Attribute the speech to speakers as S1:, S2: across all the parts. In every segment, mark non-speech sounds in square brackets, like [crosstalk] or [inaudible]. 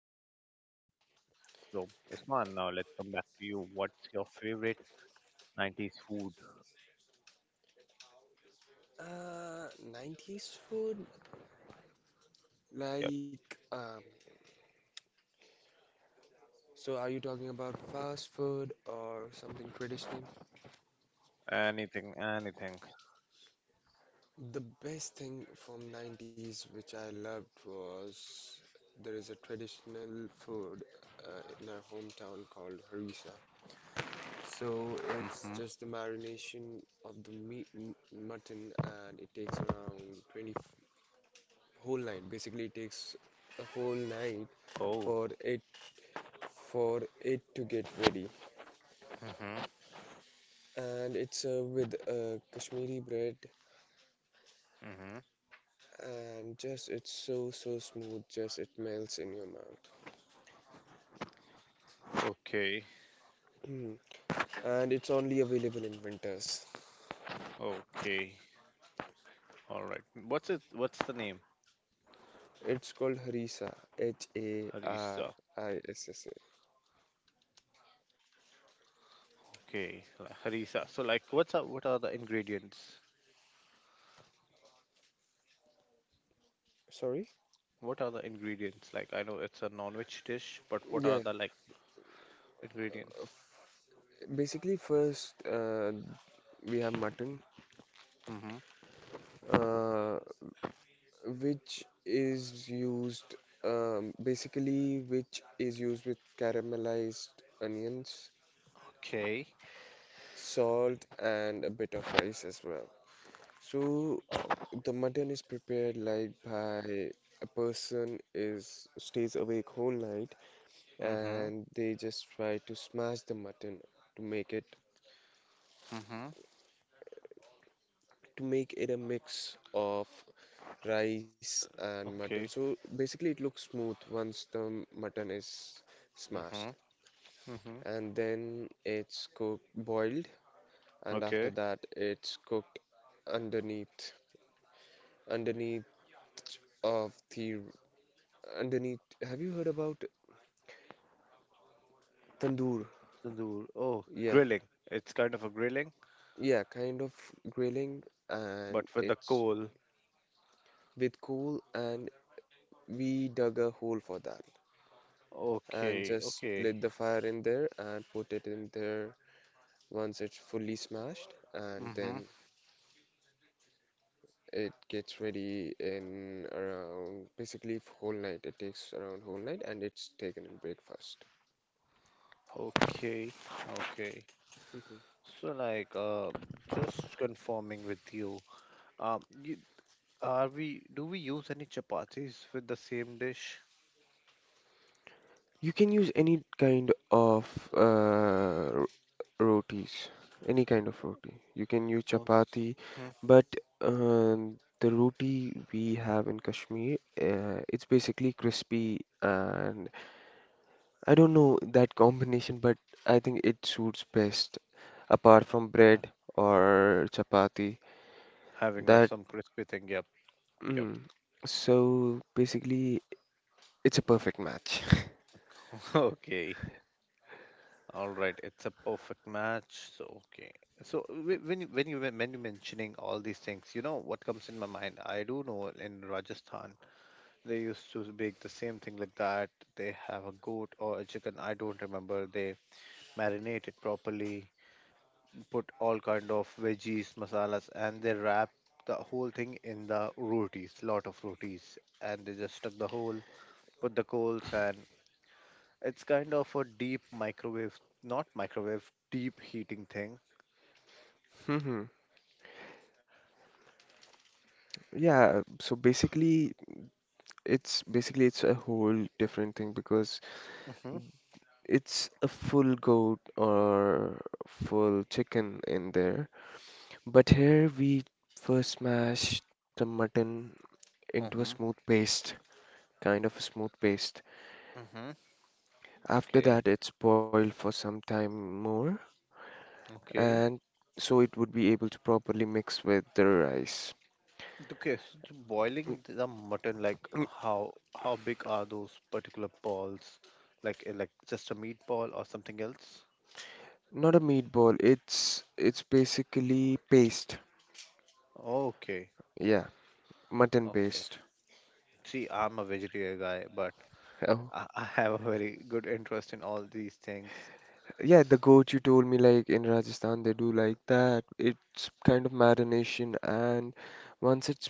S1: start back again. So, Usman, now let's come back to you. What's your favorite 90s food?
S2: Uh, 90s food?
S1: Yep,
S2: Like, um, so are you talking about fast food or something traditional?
S1: anything, anything.
S2: The best thing from 90s which I loved was there is a traditional food in our hometown called harissa. So it's
S1: Mm-hmm.
S2: just the marination of the meat m mutton, and it takes around 20 f- whole night. Basically, it takes a whole night
S1: Oh.
S2: for it for it to get ready.
S1: Mm-hmm.
S2: And it's with Kashmiri bread,
S1: Mm-hmm.
S2: and just it's so smooth, just it melts in your mouth.
S1: Okay.
S2: Mm. And it's only available in winters.
S1: Okay. All right. What's it? What's the name?
S2: It's called harissa, H A R
S1: Harissa.
S2: I S S A.
S1: Okay. Like Harissa. So, like, what's up? What are the ingredients?
S2: Sorry?
S1: What are the ingredients? Like, I know it's a non-veg dish, but what are
S2: Yeah.
S1: the like ingredients?
S2: Basically, first we have mutton,
S1: Mm-hmm.
S2: uh, which is used basically which is used with caramelized onions,
S1: Okay.
S2: salt, and a bit of rice as well. So
S1: Oh,
S2: the mutton is prepared like by a person is stays awake whole night,
S1: Mm-hmm.
S2: and they just try to smash the mutton to make it
S1: Mm-hmm.
S2: to make it a mix of rice and mutton.
S1: Okay.
S2: So basically it looks smooth once the mutton is smashed,
S1: Mm-hmm. Mm-hmm.
S2: and then it's cooked boiled, and after
S1: Okay.
S2: that it's cooked underneath underneath of the underneath have you heard about Tandoor,
S1: Tandoor. Oh,
S2: yeah,
S1: grilling. It's kind of a grilling,
S2: yeah, kind of grilling,
S1: but
S2: and
S1: with the
S2: it's
S1: coal.
S2: with coal, and we dug a hole for that, and
S1: Okay.
S2: just
S1: Okay.
S2: lit the fire in there and put it in there once it's fully smashed, and
S1: Mm-hmm.
S2: then it gets ready in around whole night. It takes around whole night, and it's taken in breakfast.
S1: Okay, okay.
S2: Mhm.
S1: So like just confirming with you. You, are we do we use any chapatis with the same dish?
S2: You can use any kind of rotis, any kind of roti. You can use
S1: Of course.
S2: chapati,
S1: Hmm.
S2: but uh, the roti we have in Kashmir, it's basically crispy, and I don't know that combination, but I think it suits best apart from
S1: Uh,
S2: bread or chapati.
S1: having a
S2: That
S1: some crispy thing. Yep. Yep.
S2: mm, so basically it's a perfect match.
S1: [laughs] Okay. All right, it's a perfect match. So okay. So when you, when you mentioning all these things, you know what comes in my mind? I do know in Rajasthan they used to bake the same thing like that. They have a goat or a chicken. I don't remember. They marinate it properly, put all kind of veggies, masalas, and they wrap the whole thing in the rotis, lot of rotis, and they just stuck the whole, put the coals and it's kind of a deep microwave, not microwave, deep heating thing.
S2: [laughs] Hmm. Yeah, so basically it's a whole different thing because
S1: Mm-hmm.
S2: it's a full goat or full chicken in there. But here we first smash the mutton into a
S1: Mm-hmm.
S2: smooth paste, kind of a smooth paste.
S1: Mm-hmm.
S2: After
S1: Okay.
S2: that, it's boiled for some time more,
S1: Okay.
S2: and so it would be able to properly mix with the rice.
S1: Okay. So the boiling the mutton, like
S2: N-
S1: how big are those particular balls? Like just a meatball or something else?
S2: Not a meatball, it's basically paste.
S1: Okay.
S2: Yeah, mutton
S1: Okay.
S2: paste.
S1: See, I'm a vegetarian guy, but
S2: [laughs]
S1: I have a very good interest in all these things.
S2: Yeah, the goat you told me, like in Rajasthan, they do like that. It's kind of marination, and once it's,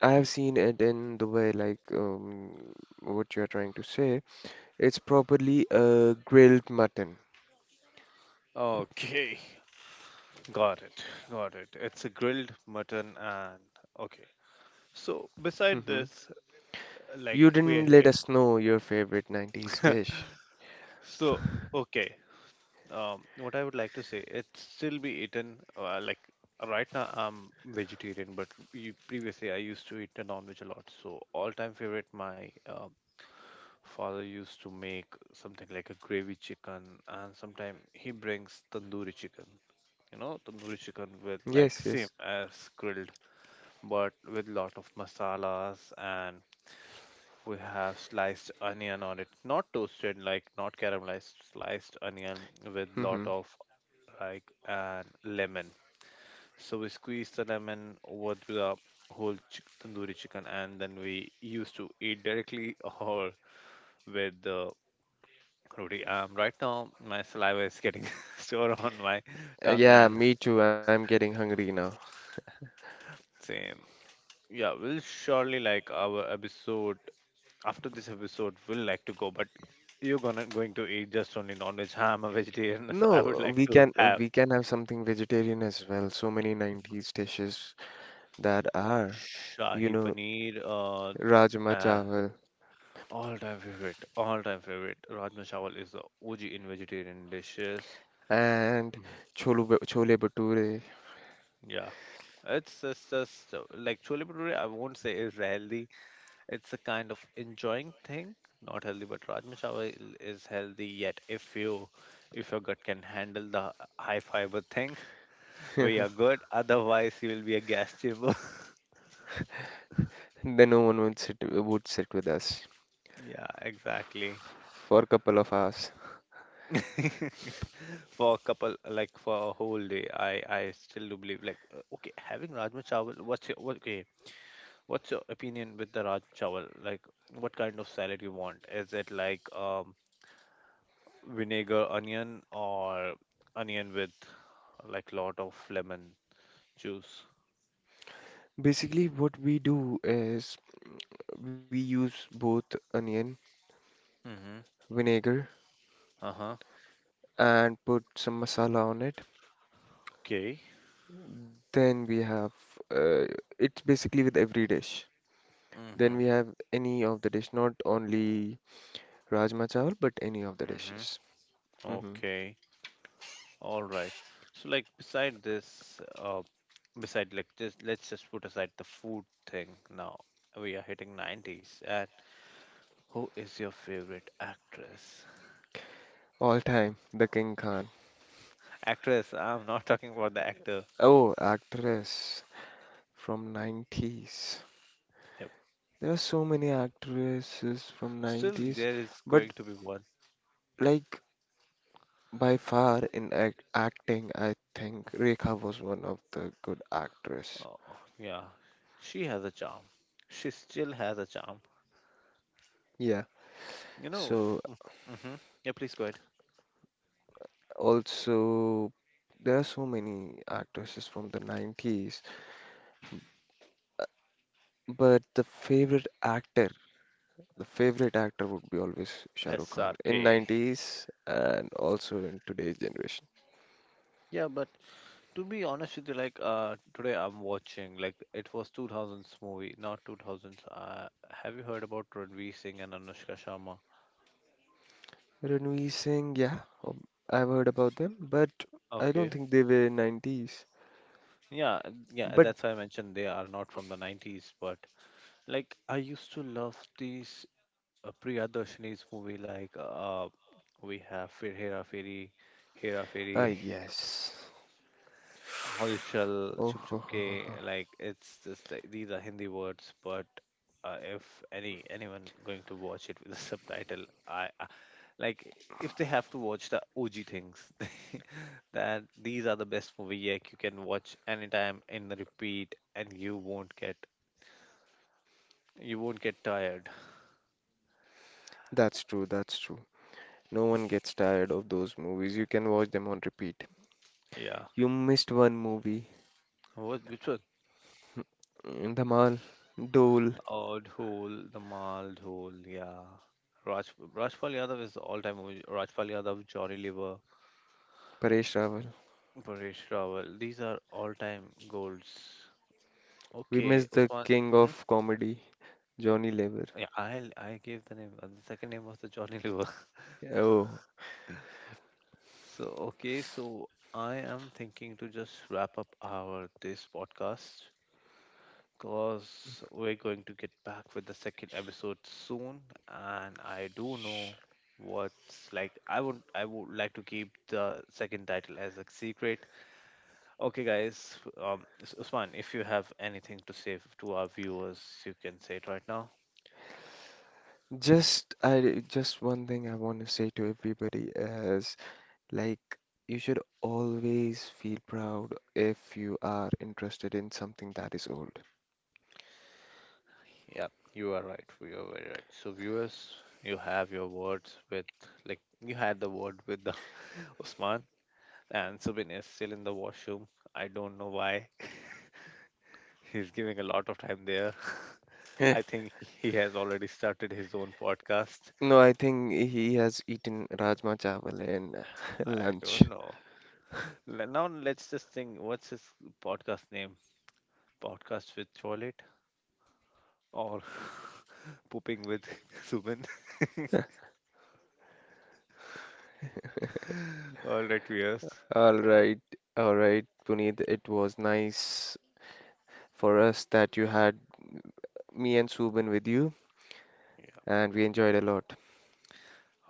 S2: I have seen it in the way, what you are trying to say. It's properly grilled mutton.
S1: Okay, got it, got it. It's a grilled mutton and okay. So beside
S2: Hmm.
S1: this,
S2: You
S1: like we are
S2: didn't let
S1: hitting.
S2: us know your favorite 90s
S1: [laughs]
S2: dish.
S1: So okay, what I would like to say, it still be eaten. Like right now, I'm vegetarian, but previously I used to eat a non-veg a lot. So all-time favorite, my father used to make something like a gravy chicken, and sometimes he brings tandoori chicken. You know, tandoori chicken with like
S2: Yes,
S1: same
S2: yes.
S1: as grilled, but with lot of masalas and we have sliced onion on it, not toasted, like not caramelized, sliced onion with
S2: Hmm.
S1: lot of like and lemon. So we squeeze the lemon over to the whole tandoori chicken, and then we used to eat directly [laughs] or with the roti. Right now my saliva is getting [laughs] sore on my tongue,
S2: Yeah,
S1: and
S2: me too. I'm getting hungry now.
S1: same. Yeah, we'll surely like our episode after this episode will like to go, but you're gonna going to eat just only non-veg. Huh? I'm a vegetarian, [laughs] so I would
S2: No,
S1: like to have
S2: we can have something vegetarian as well. So many 90s dishes that are,
S1: shahi
S2: you know.
S1: paneer.
S2: Rajma
S1: Uh,
S2: chawal
S1: all-time favorite, all-time favorite. Rajma chawal is the OG in vegetarian dishes.
S2: and chole bhature.
S1: Yeah. It's just like chole bhature. I won't say is healthy. It's a kind of enjoying thing, not healthy. But rajma chawal is healthy. Yet, if your gut can handle the high fiber thing, we are
S2: [laughs]
S1: good, otherwise, you will be a gas chamber. [laughs]
S2: Then no one would sit with us
S1: Yeah, exactly.
S2: for a couple of hours.
S1: [laughs] For a couple, like for a whole day, I still do believe like okay, having rajma chawal. Okay? What's your opinion with the rajma chawal? Like, what kind of salad you want? Is it like vinegar onion or onion with like lot of lemon juice?
S2: Basically, what we do is we use both onion,
S1: Mm-hmm.
S2: vinegar,
S1: Uh huh.
S2: and put some masala on it.
S1: Okay.
S2: Then we have uh, it's basically with every dish.
S1: Mm-hmm.
S2: Then
S1: Mm-hmm.
S2: we have any of the dish, not only rajma chawal, but any of the
S1: Mm-hmm.
S2: dishes. Hmm.
S1: Okay. All right. So like beside this, beside like this, let's just put aside the food thing now. We are hitting 90s and who is your favorite actress?
S2: All time, the King Khan.
S1: Actress, I'm not talking about the actor.
S2: Oh, actress. From 90s.
S1: Yep.
S2: There are so many actresses from
S1: Still
S2: 90s,
S1: there is
S2: but
S1: going to be one.
S2: like by far in acting, I think Rekha was one of the good actress.
S1: Oh, yeah. She has a charm. She still has a charm.
S2: Yeah.
S1: You know, f-
S2: So
S1: mhm. Yeah, please go ahead.
S2: also there are so many actresses from the 90s, but the favorite actor would be always Shah Rukh Khan in
S1: SRK.
S2: 90s and also in today's generation.
S1: Yeah, but to be honest with you, like today I'm watching like it was 2000s movie, not 2000s. Have you heard about Ranveer Singh and Anushka Sharma?
S2: Ranveer Singh, yeah, um, I've heard about them, but I don't
S1: Okay.
S2: think they were 90s.
S1: Yeah, yeah,
S2: But
S1: that's why I mentioned they are not from the 90s, but like I used to love these Priyadarshini's movie like we have Fir Hera Feri, Hera
S2: ah,
S1: Feri. [laughs]
S2: yes. Oh,
S1: Holchal, Chup
S2: ho, ho,
S1: Chup
S2: ho,
S1: Ke,
S2: ho.
S1: like it's just like, these are Hindi words, but if anyone going to watch it with a subtitle, I like if they have to watch the OG things, [laughs] that these are the best movie like you can watch anytime in the repeat, and you won't get tired.
S2: That's true, that's true. No one gets tired of those movies. You can watch them on repeat.
S1: Yeah,
S2: You missed one movie.
S1: what which one?
S2: Mm, Dhamal, Dole,
S1: Oh, Dhol, the Mal Dhol, yeah. Rajpal Yadav is the all-time movie. Rajpal Yadav, Johnny Lever,
S2: Paresh Rawal.
S1: Paresh Rawal. These are all-time goals.
S2: We
S1: Okay,
S2: missed the
S1: Usman.
S2: king
S1: Hmm?
S2: of comedy, Johnny Lever.
S1: Yeah, I gave the name. The second name was the Johnny Liver. [laughs]
S2: Oh.
S1: So okay, so I am thinking to just wrap up our this podcast because we're going to get back with the second episode soon, and I do
S2: sh-
S1: know what's like. I would like to keep the second title as a secret. Okay, guys. Usman, if you have anything to say to our viewers, you can say it right now.
S2: Just one thing I want to say to everybody is, like, you should always feel proud if you are interested in something that is old.
S1: Yeah, you are right. You are very right. So, viewers, you have your words with, like, you had the word with the [laughs] Usman, and Subin is still in the washroom. I don't know why. [laughs] He's giving a lot of time there. [laughs]
S2: Eh,
S1: I think he has already started his own podcast.
S2: No, I think he has eaten Rajma Chawal in [laughs]
S1: I
S2: lunch.
S1: don't know. Now, let's just think what's his podcast name? Podcast with Toilet? Or [laughs] pooping with [laughs] Ruben. [laughs] All right, viewers.
S2: All right, all right, Puneet, it was nice for us that you had me and Subin with you,
S1: Yeah.
S2: and we enjoyed a lot.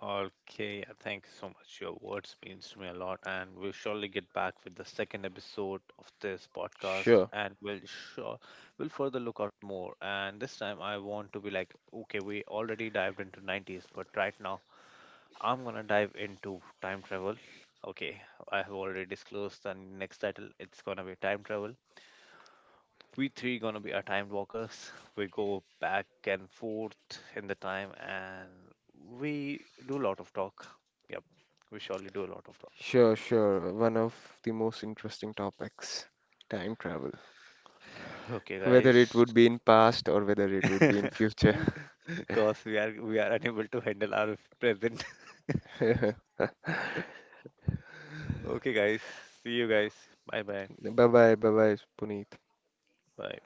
S1: Okay, yeah, thank you so much. Your words means to me a lot, and we'll surely get back with the second episode of this podcast,
S2: Sure,
S1: and we'll further look out more. And this time, I want to be like, okay, we already dived into 90s, but right now, I'm gonna dive into time travel. Okay, I have already disclosed the next title. It's gonna be time travel we three gonna be our time walkers. [laughs] We go back and forth in the time, and we do a lot of talk. Yep, we surely do a lot of talk.
S2: sure. One of the most interesting topics, time travel.
S1: Okay,
S2: Whether it
S1: guys,
S2: would be in past or whether it would be in
S1: [laughs]
S2: future.
S1: because we are unable to handle our present. [laughs]
S2: [laughs]
S1: Okay, guys, see you guys. Bye bye.
S2: Bye bye, bye bye, bonito.
S1: Bye.